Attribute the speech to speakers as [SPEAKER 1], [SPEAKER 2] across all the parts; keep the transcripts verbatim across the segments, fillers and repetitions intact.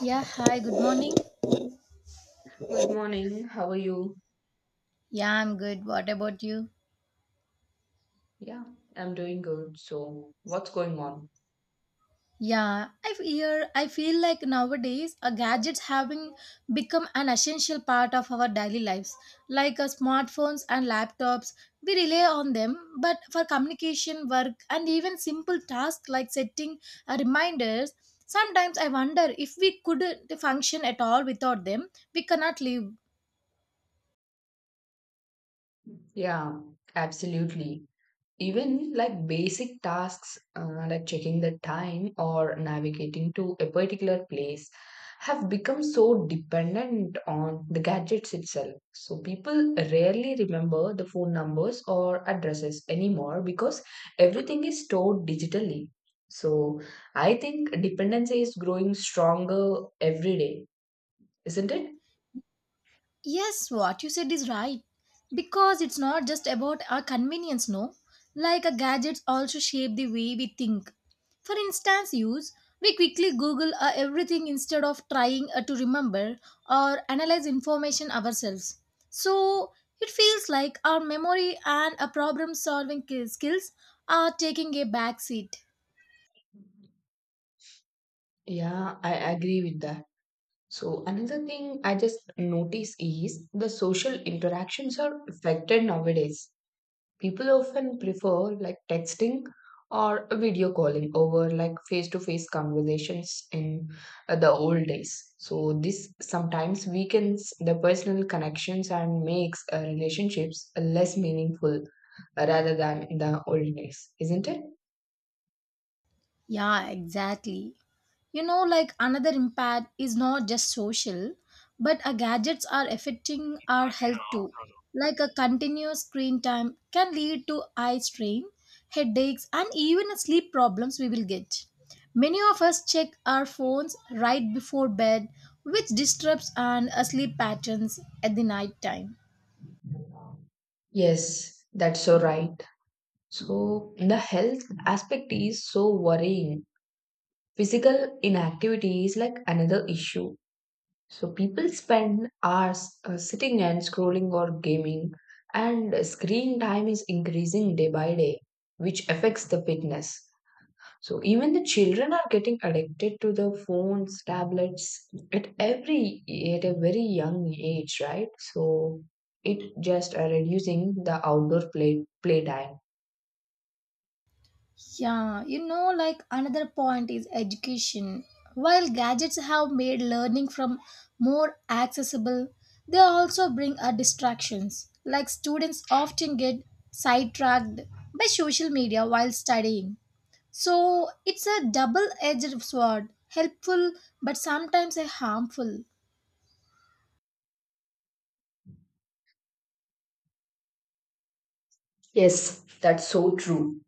[SPEAKER 1] Yeah, hi, good morning.
[SPEAKER 2] Good morning. How are you?
[SPEAKER 1] Yeah, I'm good. What about you?
[SPEAKER 2] Yeah, I'm doing good. So, what's going on?
[SPEAKER 1] Yeah, I hear I feel like nowadays uh, gadgets having become an essential part of our daily lives. Like uh, smartphones and laptops, we rely on them, but for communication, work, and even simple tasks like setting uh, reminders, sometimes I wonder if we couldn't function at all without them. We cannot live.
[SPEAKER 2] Yeah, absolutely. Even like basic tasks uh, like checking the time or navigating to a particular place have become so dependent on the gadgets itself. So, people rarely remember the phone numbers or addresses anymore because everything is stored digitally. So, I think dependency is growing stronger every day. Isn't it?
[SPEAKER 1] Yes, what you said is right. Because it's not just about our convenience, no? Like our gadgets also shape the way we think. For instance, use we quickly Google uh, everything instead of trying uh, to remember or analyze information ourselves. So it feels like our memory and our problem solving skills are taking a back seat.
[SPEAKER 2] Yeah, I agree with that. So, another thing I just notice is the social interactions are affected nowadays. People often prefer like texting or video calling over like face to face conversations in uh, the old days. So, this sometimes weakens the personal connections and makes uh, relationships less meaningful uh, rather than in the old days, isn't it?
[SPEAKER 1] Yeah, exactly. You know, like another impact is not just social, but our gadgets are affecting our health too. Like a continuous screen time can lead to eye strain, headaches, and even sleep problems we will get. Many of us check our phones right before bed, which disrupts our sleep patterns at the night time.
[SPEAKER 2] Yes, that's so right. So the health aspect is so worrying. Physical inactivity is like another issue. So people spend hours uh, sitting and scrolling or gaming, and screen time is increasing day by day, which affects the fitness. So even the children are getting addicted to the phones, tablets at every at a very young age, right? So it just uh, reducing the outdoor play playtime.
[SPEAKER 1] Yeah, you know, like another point is education. While gadgets have made learning from more accessible, they also bring a distractions. Like students often get sidetracked by social media while studying. So it's a double-edged sword, helpful but sometimes a harmful.
[SPEAKER 2] Yes, that's so true.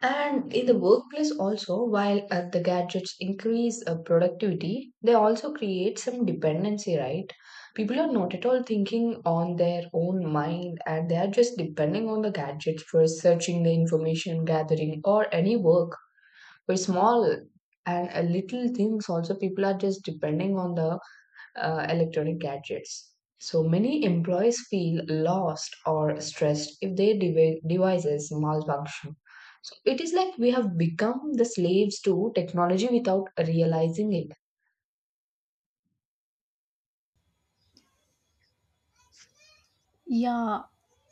[SPEAKER 2] And in the workplace, also, while uh, the gadgets increase uh, productivity, they also create some dependency, right? People are not at all thinking on their own mind and they are just depending on the gadgets for searching the information, gathering, or any work. For small and uh, little things, also, people are just depending on the uh, electronic gadgets. So many employees feel lost or stressed if their devi- devices malfunction. So it is like we have become the slaves to technology without realizing it.
[SPEAKER 1] Yeah,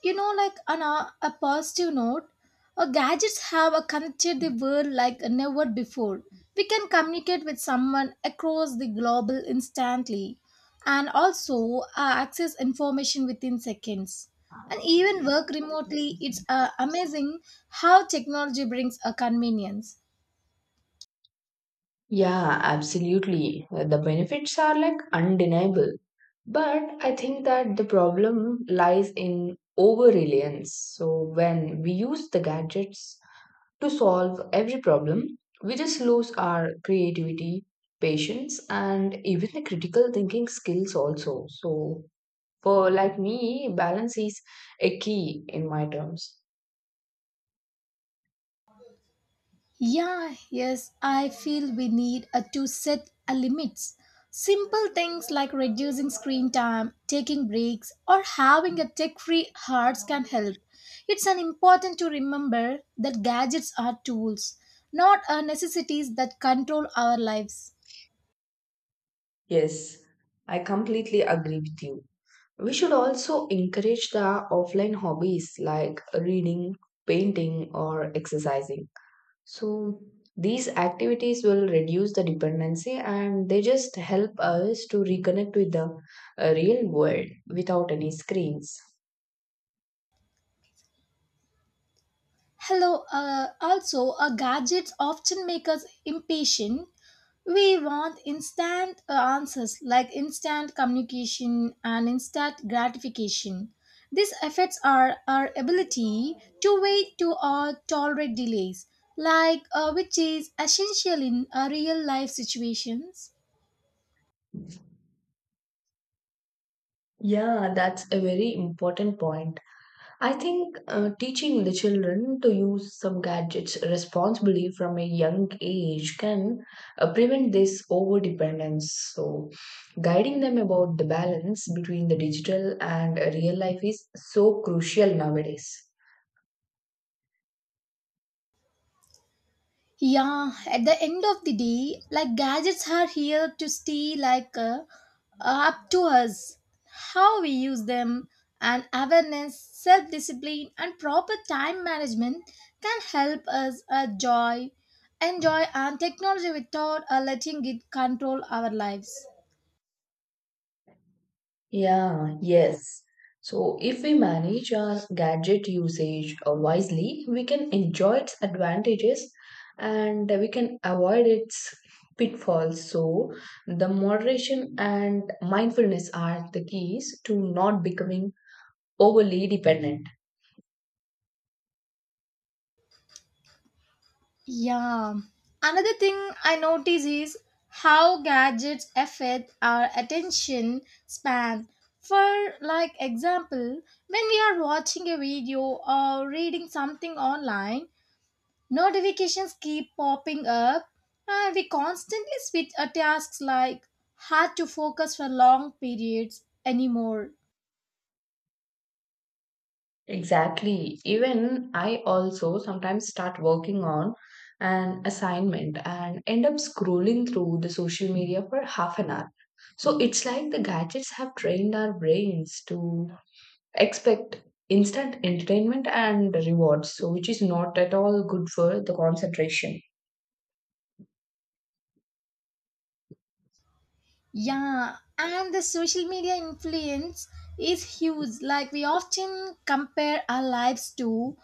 [SPEAKER 1] you know, like on a, a positive note, uh, gadgets have uh, connected the world like never before. We can communicate with someone across the globe instantly and also uh, access information within seconds. And even work remotely, it's uh, amazing how technology brings a convenience.
[SPEAKER 2] Yeah, absolutely. Uh, The benefits are like undeniable. But I think that the problem lies in over reliance. So when we use the gadgets to solve every problem, we just lose our creativity, patience, and even the critical thinking skills also. So, for like me, balance is a key in my terms.
[SPEAKER 1] Yeah, yes, I feel we need uh, to set a limits. Simple things like reducing screen time, taking breaks, or having a tech-free hearts can help. It's an important to remember that gadgets are tools, not uh, necessities that control our lives.
[SPEAKER 2] Yes, I completely agree with you. We should also encourage the offline hobbies like reading, painting, or exercising. So these activities will reduce the dependency and they just help us to reconnect with the uh, real world without any screens.
[SPEAKER 1] Hello, uh, also, our gadgets often make us impatient. We want instant uh, answers like instant communication and instant gratification. This affects our, our ability to wait to or tolerate delays, like uh, which is essential in uh, real life situations.
[SPEAKER 2] Yeah, that's a very important point. I think uh, teaching the children to use some gadgets responsibly from a young age can uh, prevent this over dependence. So, guiding them about the balance between the digital and uh, real life is so crucial nowadays.
[SPEAKER 1] Yeah, at the end of the day, like gadgets are here to stay like uh, uh, up to us. How we use them, and awareness, self discipline, and proper time management can help us uh, joy, enjoy, and technology without uh, letting it control our lives.
[SPEAKER 2] Yeah, yes. So, if we manage our gadget usage uh, wisely, we can enjoy its advantages and we can avoid its pitfalls. So, the moderation and mindfulness are the keys to not becoming overly dependent.
[SPEAKER 1] Yeah. Another thing I notice is how gadgets affect our attention span. For like example, when we are watching a video or reading something online, notifications keep popping up and we constantly switch our tasks like hard to focus for long periods anymore.
[SPEAKER 2] Exactly. Even I also sometimes start working on an assignment and end up scrolling through the social media for half an hour. So it's like the gadgets have trained our brains to expect instant entertainment and rewards, so which is not at all good for the concentration.
[SPEAKER 1] Yeah, and the social media influence is huge. Like we often compare our lives to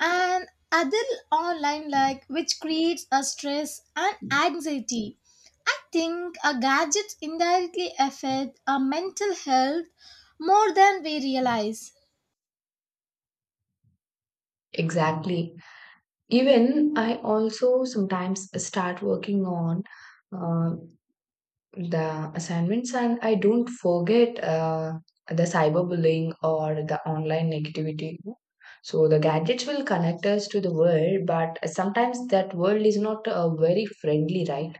[SPEAKER 1] and other online like which creates a stress and anxiety. I think our gadgets indirectly affect our mental health more than we realize.
[SPEAKER 2] Exactly. Even I also sometimes start working on uh, the assignments and I don't forget uh, the cyberbullying or the online negativity. So the gadgets will connect us to the world, but sometimes that world is not uh, very friendly, right?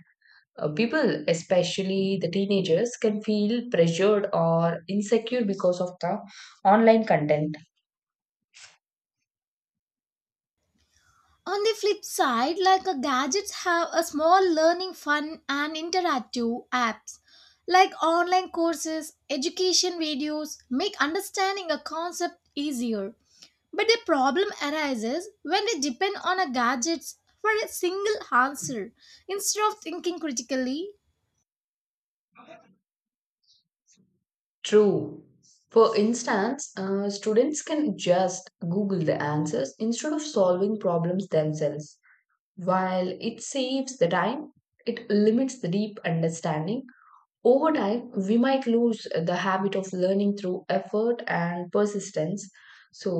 [SPEAKER 2] uh, People, especially the teenagers, can feel pressured or insecure because of the online content.
[SPEAKER 1] On the flip side, like a gadgets have a small learning fun and interactive apps like online courses, education videos make understanding a concept easier. But the problem arises when we depend on a gadgets for a single answer instead of thinking critically.
[SPEAKER 2] True. For instance, uh, students can just google the answers instead of solving problems themselves. While it saves the time, it limits the deep understanding. Over time, we might lose the habit of learning through effort and persistence. So,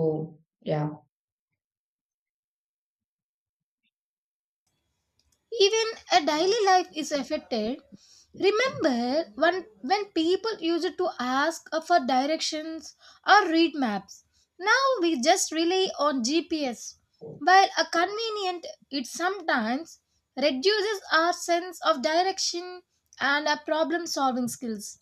[SPEAKER 2] yeah.
[SPEAKER 1] Even a daily life is affected. Remember when, when people used to ask for directions or read maps. Now we just rely on G P S. While a convenient, it sometimes reduces our sense of direction and our problem solving skills.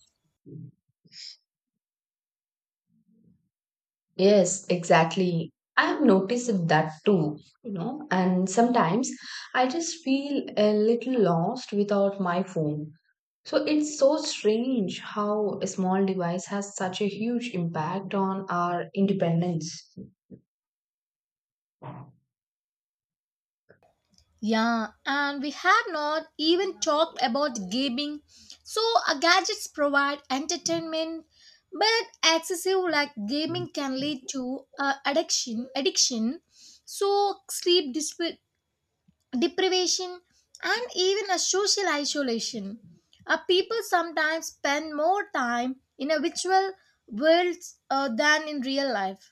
[SPEAKER 2] Yes, exactly. I have noticed that too, you know, and sometimes I just feel a little lost without my phone. So it's so strange how a small device has such a huge impact on our independence.
[SPEAKER 1] Yeah, and we have not even talked about gaming. So, uh, gadgets provide entertainment, but excessive like gaming can lead to uh, addiction, addiction, so sleep disp- deprivation, and even a social isolation. Uh, people sometimes spend more time in a virtual world uh, than in real life.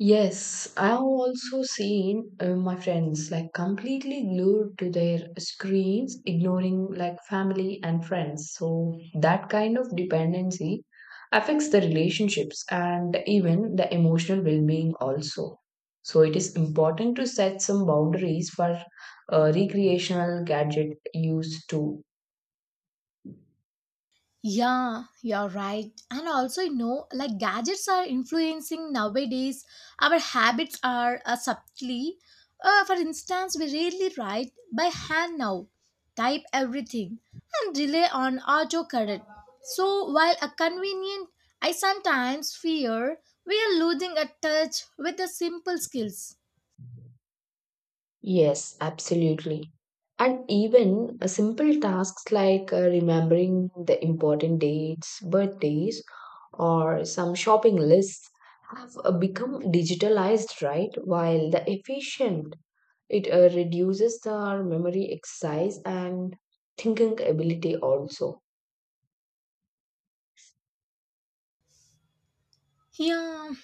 [SPEAKER 2] Yes, I've also seen uh, my friends like completely glued to their screens, ignoring like family and friends. So that kind of dependency affects the relationships and even the emotional well-being also. So it is important to set some boundaries for uh, recreational gadget use too.
[SPEAKER 1] Yeah, you're right. And also, you know, like gadgets are influencing nowadays. Our habits are uh, subtly. Uh, for instance, we rarely write by hand now, type everything, and rely on autocorrect. So, while a convenient, I sometimes fear we are losing a touch with the simple skills.
[SPEAKER 2] Yes, absolutely. And even uh, simple tasks like uh, remembering the important dates, birthdays, or some shopping lists have uh, become digitalized, right? While the efficient, it uh, reduces the memory exercise and thinking ability also.
[SPEAKER 1] Yeah,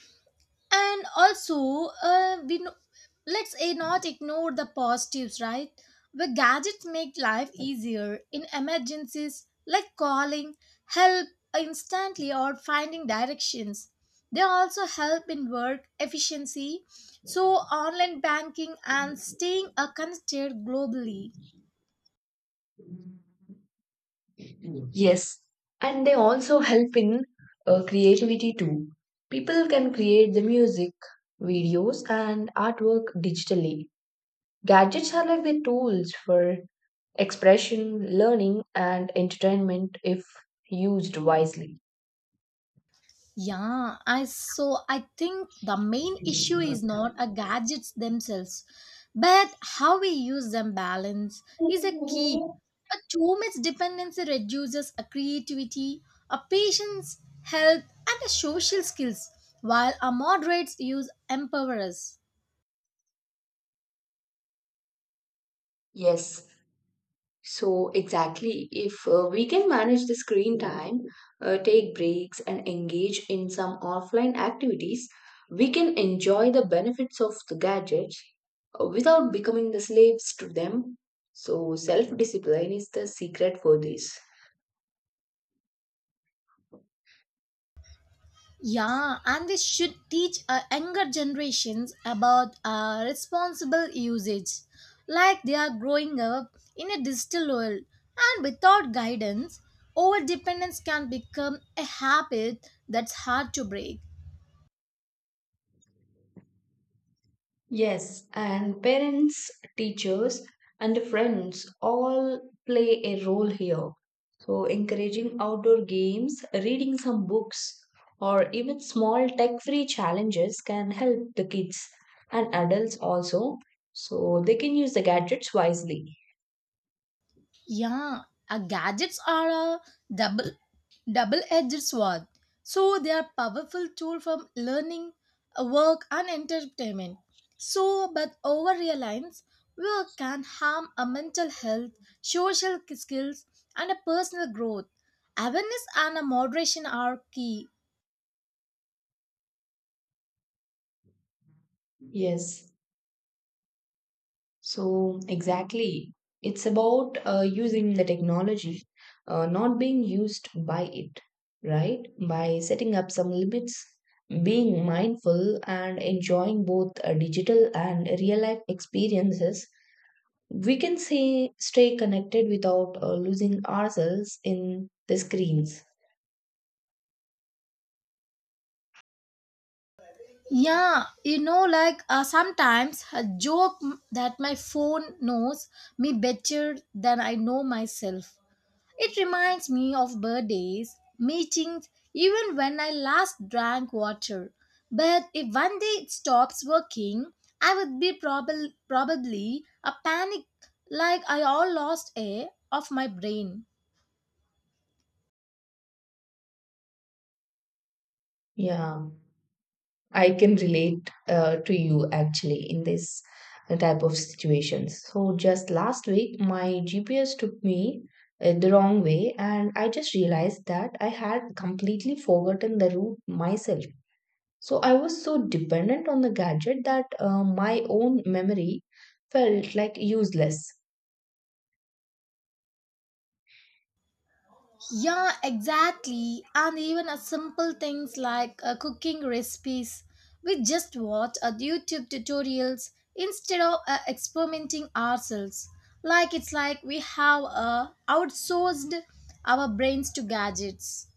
[SPEAKER 1] and also uh, we know, let's eh, not ignore the positives, right? The gadgets make life easier in emergencies like calling help instantly or finding directions. They also help in work efficiency, so online banking and staying uh, connected globally.
[SPEAKER 2] Yes, and they also help in uh, creativity too. People can create the music, videos, and artwork digitally. Gadgets are like the tools for expression, learning, and entertainment if used wisely.
[SPEAKER 1] Yeah, I so I think the main issue is not a gadgets themselves, but how we use them, balance is a key. A too much dependency reduces a creativity, a patience, health, and a social skills, while a moderates use empowers.
[SPEAKER 2] Yes, so exactly. If uh, we can manage the screen time, uh, take breaks, and engage in some offline activities, we can enjoy the benefits of the gadgets uh, without becoming the slaves to them. So, self discipline is the secret for this.
[SPEAKER 1] Yeah, and this should teach uh, younger generations about uh, responsible usage. Like they are growing up in a digital world, and without guidance, over dependence can become a habit that's hard to break.
[SPEAKER 2] Yes, and parents, teachers, and friends all play a role here. So, encouraging outdoor games, reading some books, or even small tech free challenges can help the kids and adults also. So, they can use the gadgets wisely.
[SPEAKER 1] Yeah, uh, gadgets are a double double-edged sword, so they are powerful tool for learning, uh, work, and entertainment, so but over reliance work can harm a mental health, social skills, and a personal growth. Awareness and a moderation are key.
[SPEAKER 2] Yes. So, exactly. It's about uh, using the technology, uh, not being used by it, right? By setting up some limits, being mindful, and enjoying both uh, digital and real life experiences, we can say stay connected without uh, losing ourselves in the screens.
[SPEAKER 1] Yeah, you know like uh, sometimes a joke m- that my phone knows me better than I know myself. It reminds me of birthdays, meetings, even when I last drank water. But if one day it stops working, I would be probab- probably a panic like I all lost air of my brain.
[SPEAKER 2] Yeah. I can relate uh, to you actually in this type of situations. So just last week, my G P S took me uh, the wrong way, and I just realized that I had completely forgotten the route myself. So I was so dependent on the gadget that uh, my own memory felt like useless.
[SPEAKER 1] Yeah, exactly. And even a simple things like uh, cooking recipes. We just watch a YouTube tutorials instead of uh, experimenting ourselves. Like it's like we have uh, outsourced our brains to gadgets.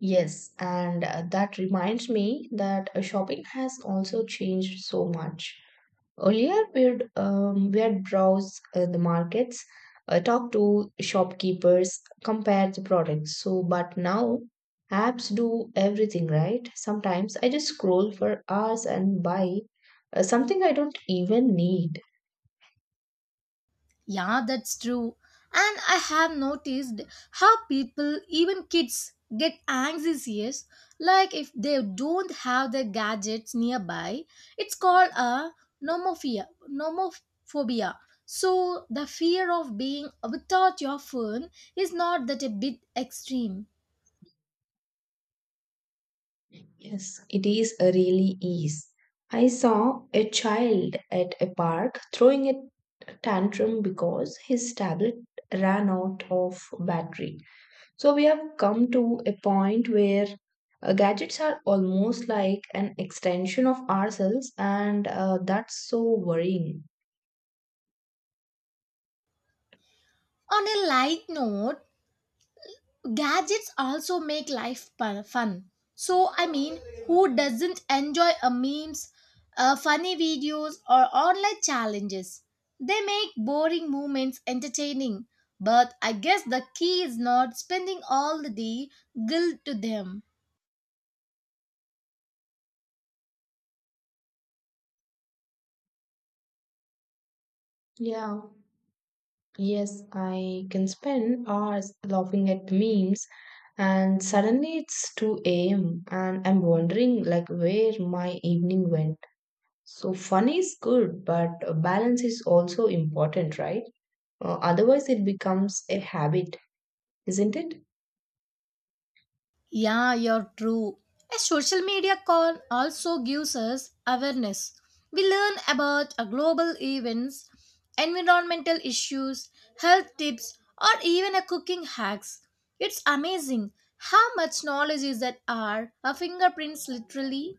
[SPEAKER 2] Yes, and uh, that reminds me that uh, shopping has also changed so much. Earlier, we'd, um, we'd browse uh, the markets, uh, talk to shopkeepers, compare the products. So, but now apps do everything, right? Sometimes I just scroll for hours and buy uh, something I don't even need.
[SPEAKER 1] Yeah, that's true. And I have noticed how people, even kids, get anxious. Yes. Like if they don't have their gadgets nearby, it's called a nomophobia. Nomophobia. So the fear of being without your phone is not that a bit extreme.
[SPEAKER 2] Yes, it is a really ease. I saw a child at a park throwing a tantrum because his tablet ran out of battery. So we have come to a point where uh, gadgets are almost like an extension of ourselves, and uh, that's so worrying.
[SPEAKER 1] On a light note, gadgets also make life pu- fun. So I mean, who doesn't enjoy a memes, uh, funny videos or online challenges? They make boring moments entertaining, but I guess the key is not spending all the day glued to them.
[SPEAKER 2] Yeah, yes, I can spend hours laughing at memes and suddenly it's two a m and I'm wondering like where my evening went. So fun is good, but uh, balance is also important, right? Uh, otherwise it becomes a habit, isn't it?
[SPEAKER 1] Yeah, you're true. A social media con also gives us awareness. We learn about a global events, environmental issues, health tips, or even a cooking hacks. It's amazing how much knowledge is at our our fingerprints literally.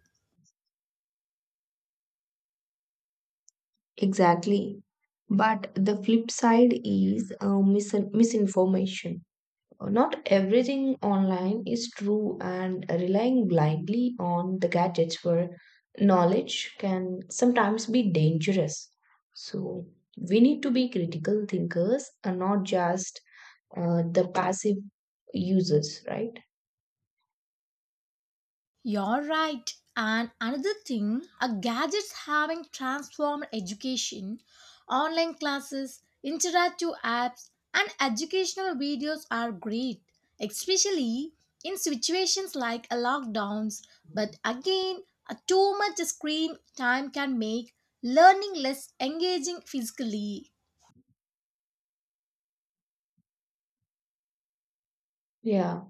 [SPEAKER 2] Exactly. But the flip side is uh, mis- misinformation. Uh, Not everything online is true, and relying blindly on the gadgets for knowledge can sometimes be dangerous. So, we need to be critical thinkers and not just uh, the passive users, right?
[SPEAKER 1] You're right. And another thing, our gadgets having transformed education, online classes, interactive apps, and educational videos are great, especially in situations like a lockdowns. But again, a too much screen time can make learning less engaging physically.
[SPEAKER 2] Yeah.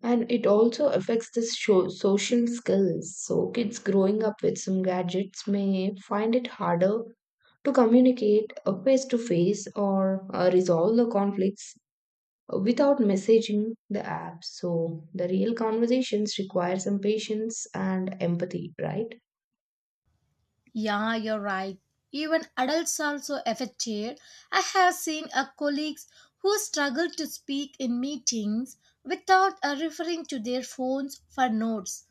[SPEAKER 2] And it also affects the sho- social skills. So kids growing up with some gadgets may find it harder to communicate face to face or uh, resolve the conflicts uh, without messaging the app. So the real conversations require some patience and empathy, right?
[SPEAKER 1] Yeah, you're right. Even adults are also affected. I have seen a colleagues who struggle to speak in meetings without uh, referring to their phones for notes.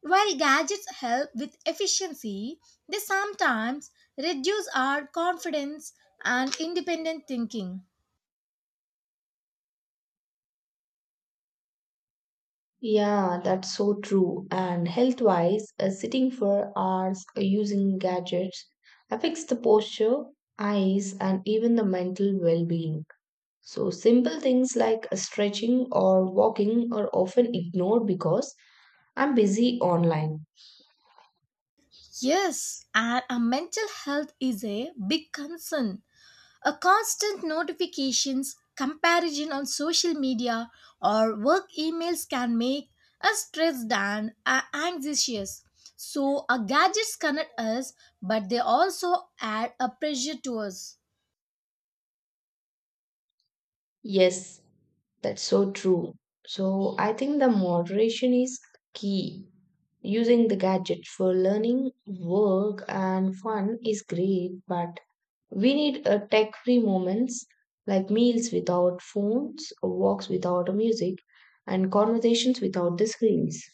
[SPEAKER 1] While gadgets help with efficiency, they sometimes reduce our confidence and independent thinking.
[SPEAKER 2] Yeah, that's so true. And health wise, uh, sitting for hours uh, using gadgets affects the posture, eyes, and even the mental well-being. So, simple things like stretching or walking are often ignored because I'm busy online.
[SPEAKER 1] Yes, and our mental health is a big concern. A constant notifications, comparison on social media or work emails can make us stressed and uh, anxious. So our gadgets connect us, but they also add a pressure to us.
[SPEAKER 2] Yes, that's so true. So, I think the moderation is key. Using the gadget for learning, work, and fun is great, but we need a tech-free moments like meals without phones, walks without music, and conversations without the screens.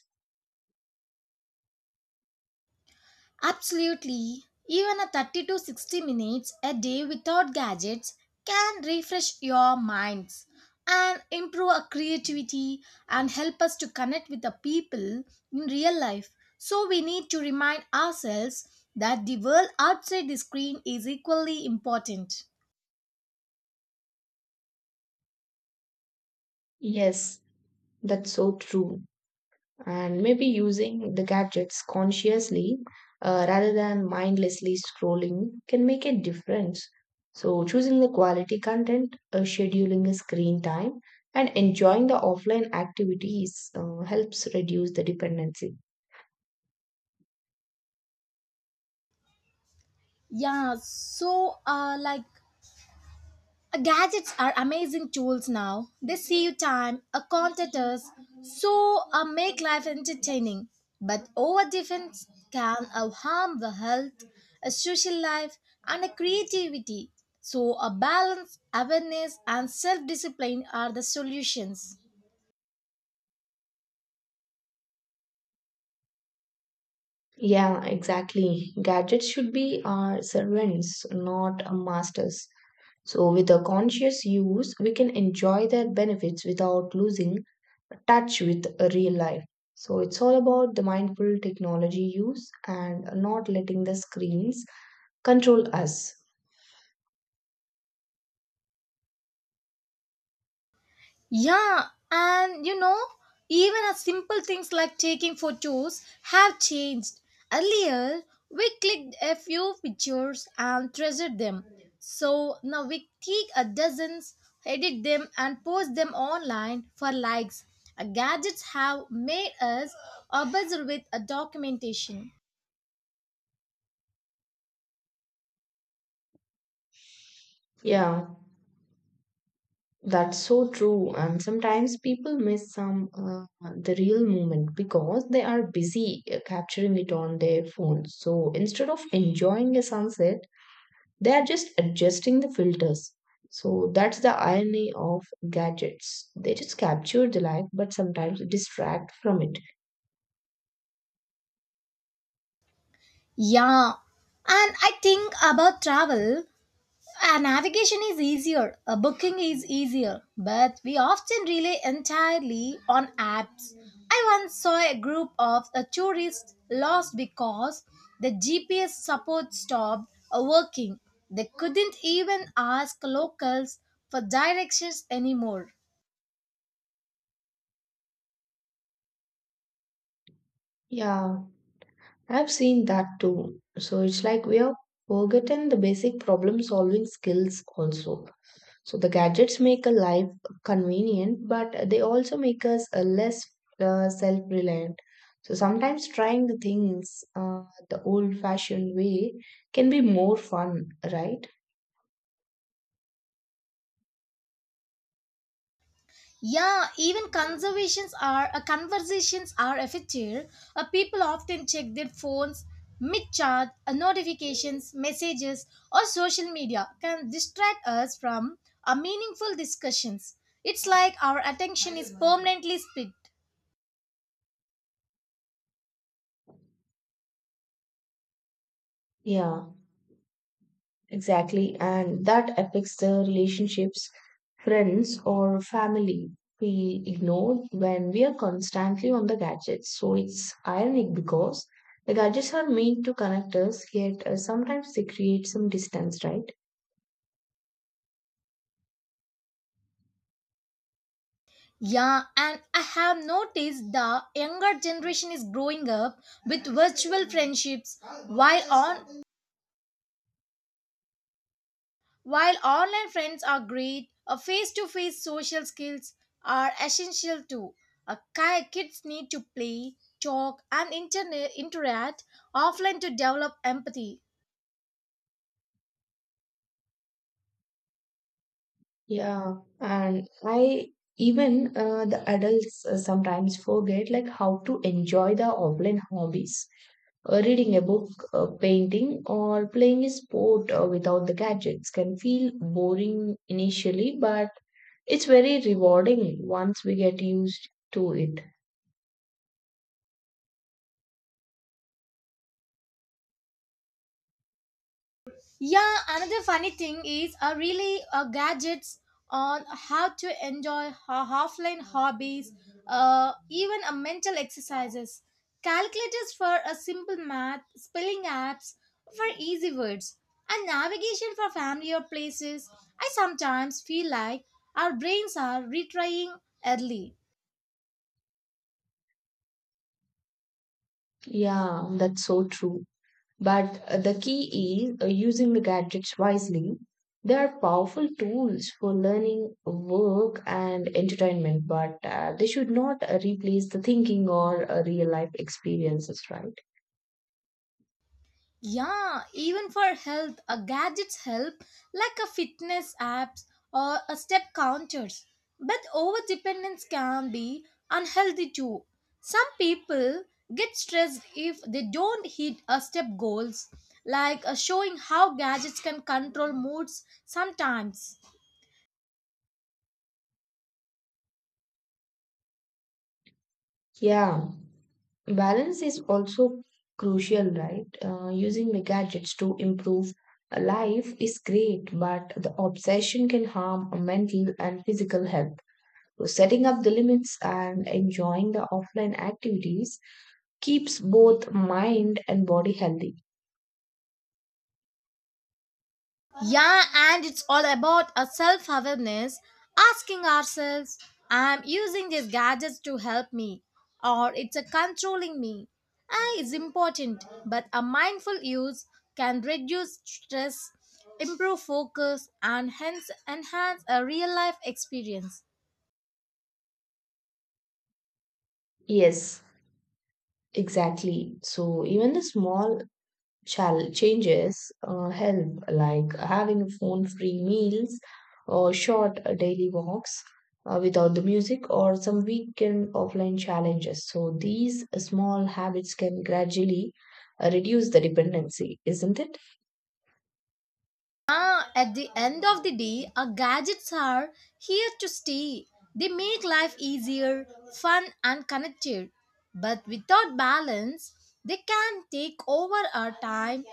[SPEAKER 1] Absolutely. Even a thirty to sixty minutes a day without gadgets can refresh your minds and improve our creativity and help us to connect with the people in real life. So we need to remind ourselves that the world outside the screen is equally important.
[SPEAKER 2] Yes, that's so true. And maybe using the gadgets consciously uh, rather than mindlessly scrolling can make a difference. So, choosing the quality content, uh, scheduling a screen time, and enjoying the offline activities uh, helps reduce the dependency.
[SPEAKER 1] Yeah, so uh like, Uh, gadgets are amazing tools now. They save time, uh, content us, so uh, make life entertaining. But over defense can uh, harm the health, a social life, and a creativity. So a balance, awareness, and self-discipline are the solutions.
[SPEAKER 2] Yeah, exactly. Gadgets should be our servants, not our masters. So, with a conscious use, we can enjoy their benefits without losing touch with real life. So, it's all about the mindful technology use and not letting the screens control us.
[SPEAKER 1] Yeah, and you know, even as simple things like taking photos have changed. Earlier, we clicked a few pictures and treasured them. So now we take a dozens, edit them, and post them online for likes. Uh, Gadgets have made us obsessed with a documentation.
[SPEAKER 2] Yeah. That's so true. And sometimes people miss some uh, the real moment because they are busy uh, capturing it on their phone. So instead of enjoying a sunset, they are just adjusting the filters. So that's the irony of gadgets. They just capture the life, but sometimes distract from it.
[SPEAKER 1] Yeah, and I think about travel. Uh, navigation is easier, a booking is easier, but we often rely entirely on apps. I once saw a group of uh, tourists lost because the G P S support stopped uh, working. They couldn't even ask locals for directions anymore.
[SPEAKER 2] Yeah, I've seen that too. So it's like we are forgotten the basic problem solving skills also. So the gadgets make a life convenient, but they also make us uh, less uh, self-reliant. So sometimes trying the things uh, the old-fashioned way can be more fun, right?
[SPEAKER 1] Yeah, even conservations are uh, conversations are affected. Uh, people often check their phones mid-chat. Uh, notifications, messages, or social media can distract us from uh, meaningful discussions. It's like our attention is permanently split.
[SPEAKER 2] Yeah, exactly. And that affects the relationships, friends, or family. We ignore when we are constantly on the gadgets. So it's ironic because the gadgets are meant to connect us, yet uh, sometimes they create some distance, right?
[SPEAKER 1] Yeah, and I have noticed the younger generation is growing up with virtual friendships, while on while online friends are great, a face to face social skills are essential too. A ki- kids need to play, talk, and interne- interact offline to develop empathy.
[SPEAKER 2] Yeah, and I even uh, the adults uh, sometimes forget like how to enjoy the offline hobbies. Uh, reading a book, uh, painting, or playing a sport uh, without the gadgets can feel boring initially, but it's very rewarding once we get used to it.
[SPEAKER 1] Yeah, another funny thing is uh, really uh, gadgets on how to enjoy ho- offline hobbies, uh, even uh, mental exercises, calculators for a simple math, spelling apps for easy words, and navigation for family or places. I sometimes feel like our brains are retrying early.
[SPEAKER 2] Yeah, that's so true. But uh, the key is uh, using the gadgets wisely. They are powerful tools for learning, work, and entertainment, but uh, they should not uh, replace the thinking or uh, real life experiences, right?
[SPEAKER 1] Yeah, even for health, a gadgets help like a fitness apps or a step counters. But over dependence can be unhealthy too. Some people get stressed if they don't hit a step goals, like uh, showing how gadgets can control moods sometimes.
[SPEAKER 2] Yeah. Balance is also crucial, right? Uh, using the gadgets to improve life is great, but the obsession can harm mental and physical health. So setting up the limits and enjoying the offline activities keeps both mind and body healthy.
[SPEAKER 1] Yeah, and it's all about a self awareness, asking ourselves, I'm using these gadgets to help me, or it's a controlling me. Ah, it's important, but a mindful use can reduce stress, improve focus, and hence enhance a real life experience.
[SPEAKER 2] Yes, exactly. So even the small shall changes uh, help like having phone free meals or short uh, daily walks uh, without the music or some weekend offline challenges. So these small habits can gradually uh, reduce the dependency, isn't it?
[SPEAKER 1] Ah, at the end of the day, our gadgets are here to stay. They make life easier, fun, and connected. But without balance, they can take over our time,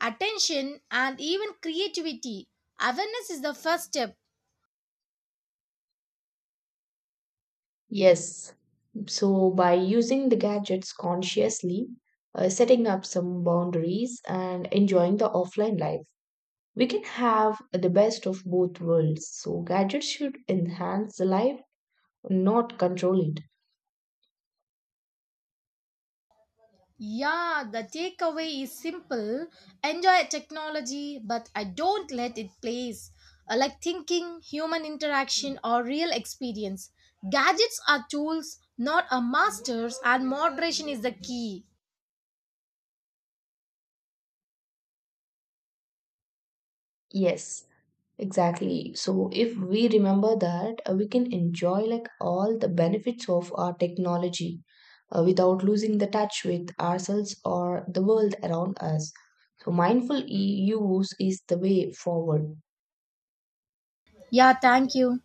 [SPEAKER 1] attention, and even creativity. Awareness is the first step.
[SPEAKER 2] Yes, so by using the gadgets consciously, uh, setting up some boundaries and enjoying the offline life, we can have the best of both worlds. So gadgets should enhance the life, not control it.
[SPEAKER 1] Yeah, the takeaway is simple. Enjoy technology, but I don't let it place. Uh, Like thinking, human interaction, or real experience. Gadgets are tools, not a masters, and moderation is the key.
[SPEAKER 2] Yes, exactly. So if we remember that, uh, we can enjoy like all the benefits of our technology uh, without losing the touch with ourselves or the world around us. So mindful e- use is the way forward.
[SPEAKER 1] Yeah, thank you.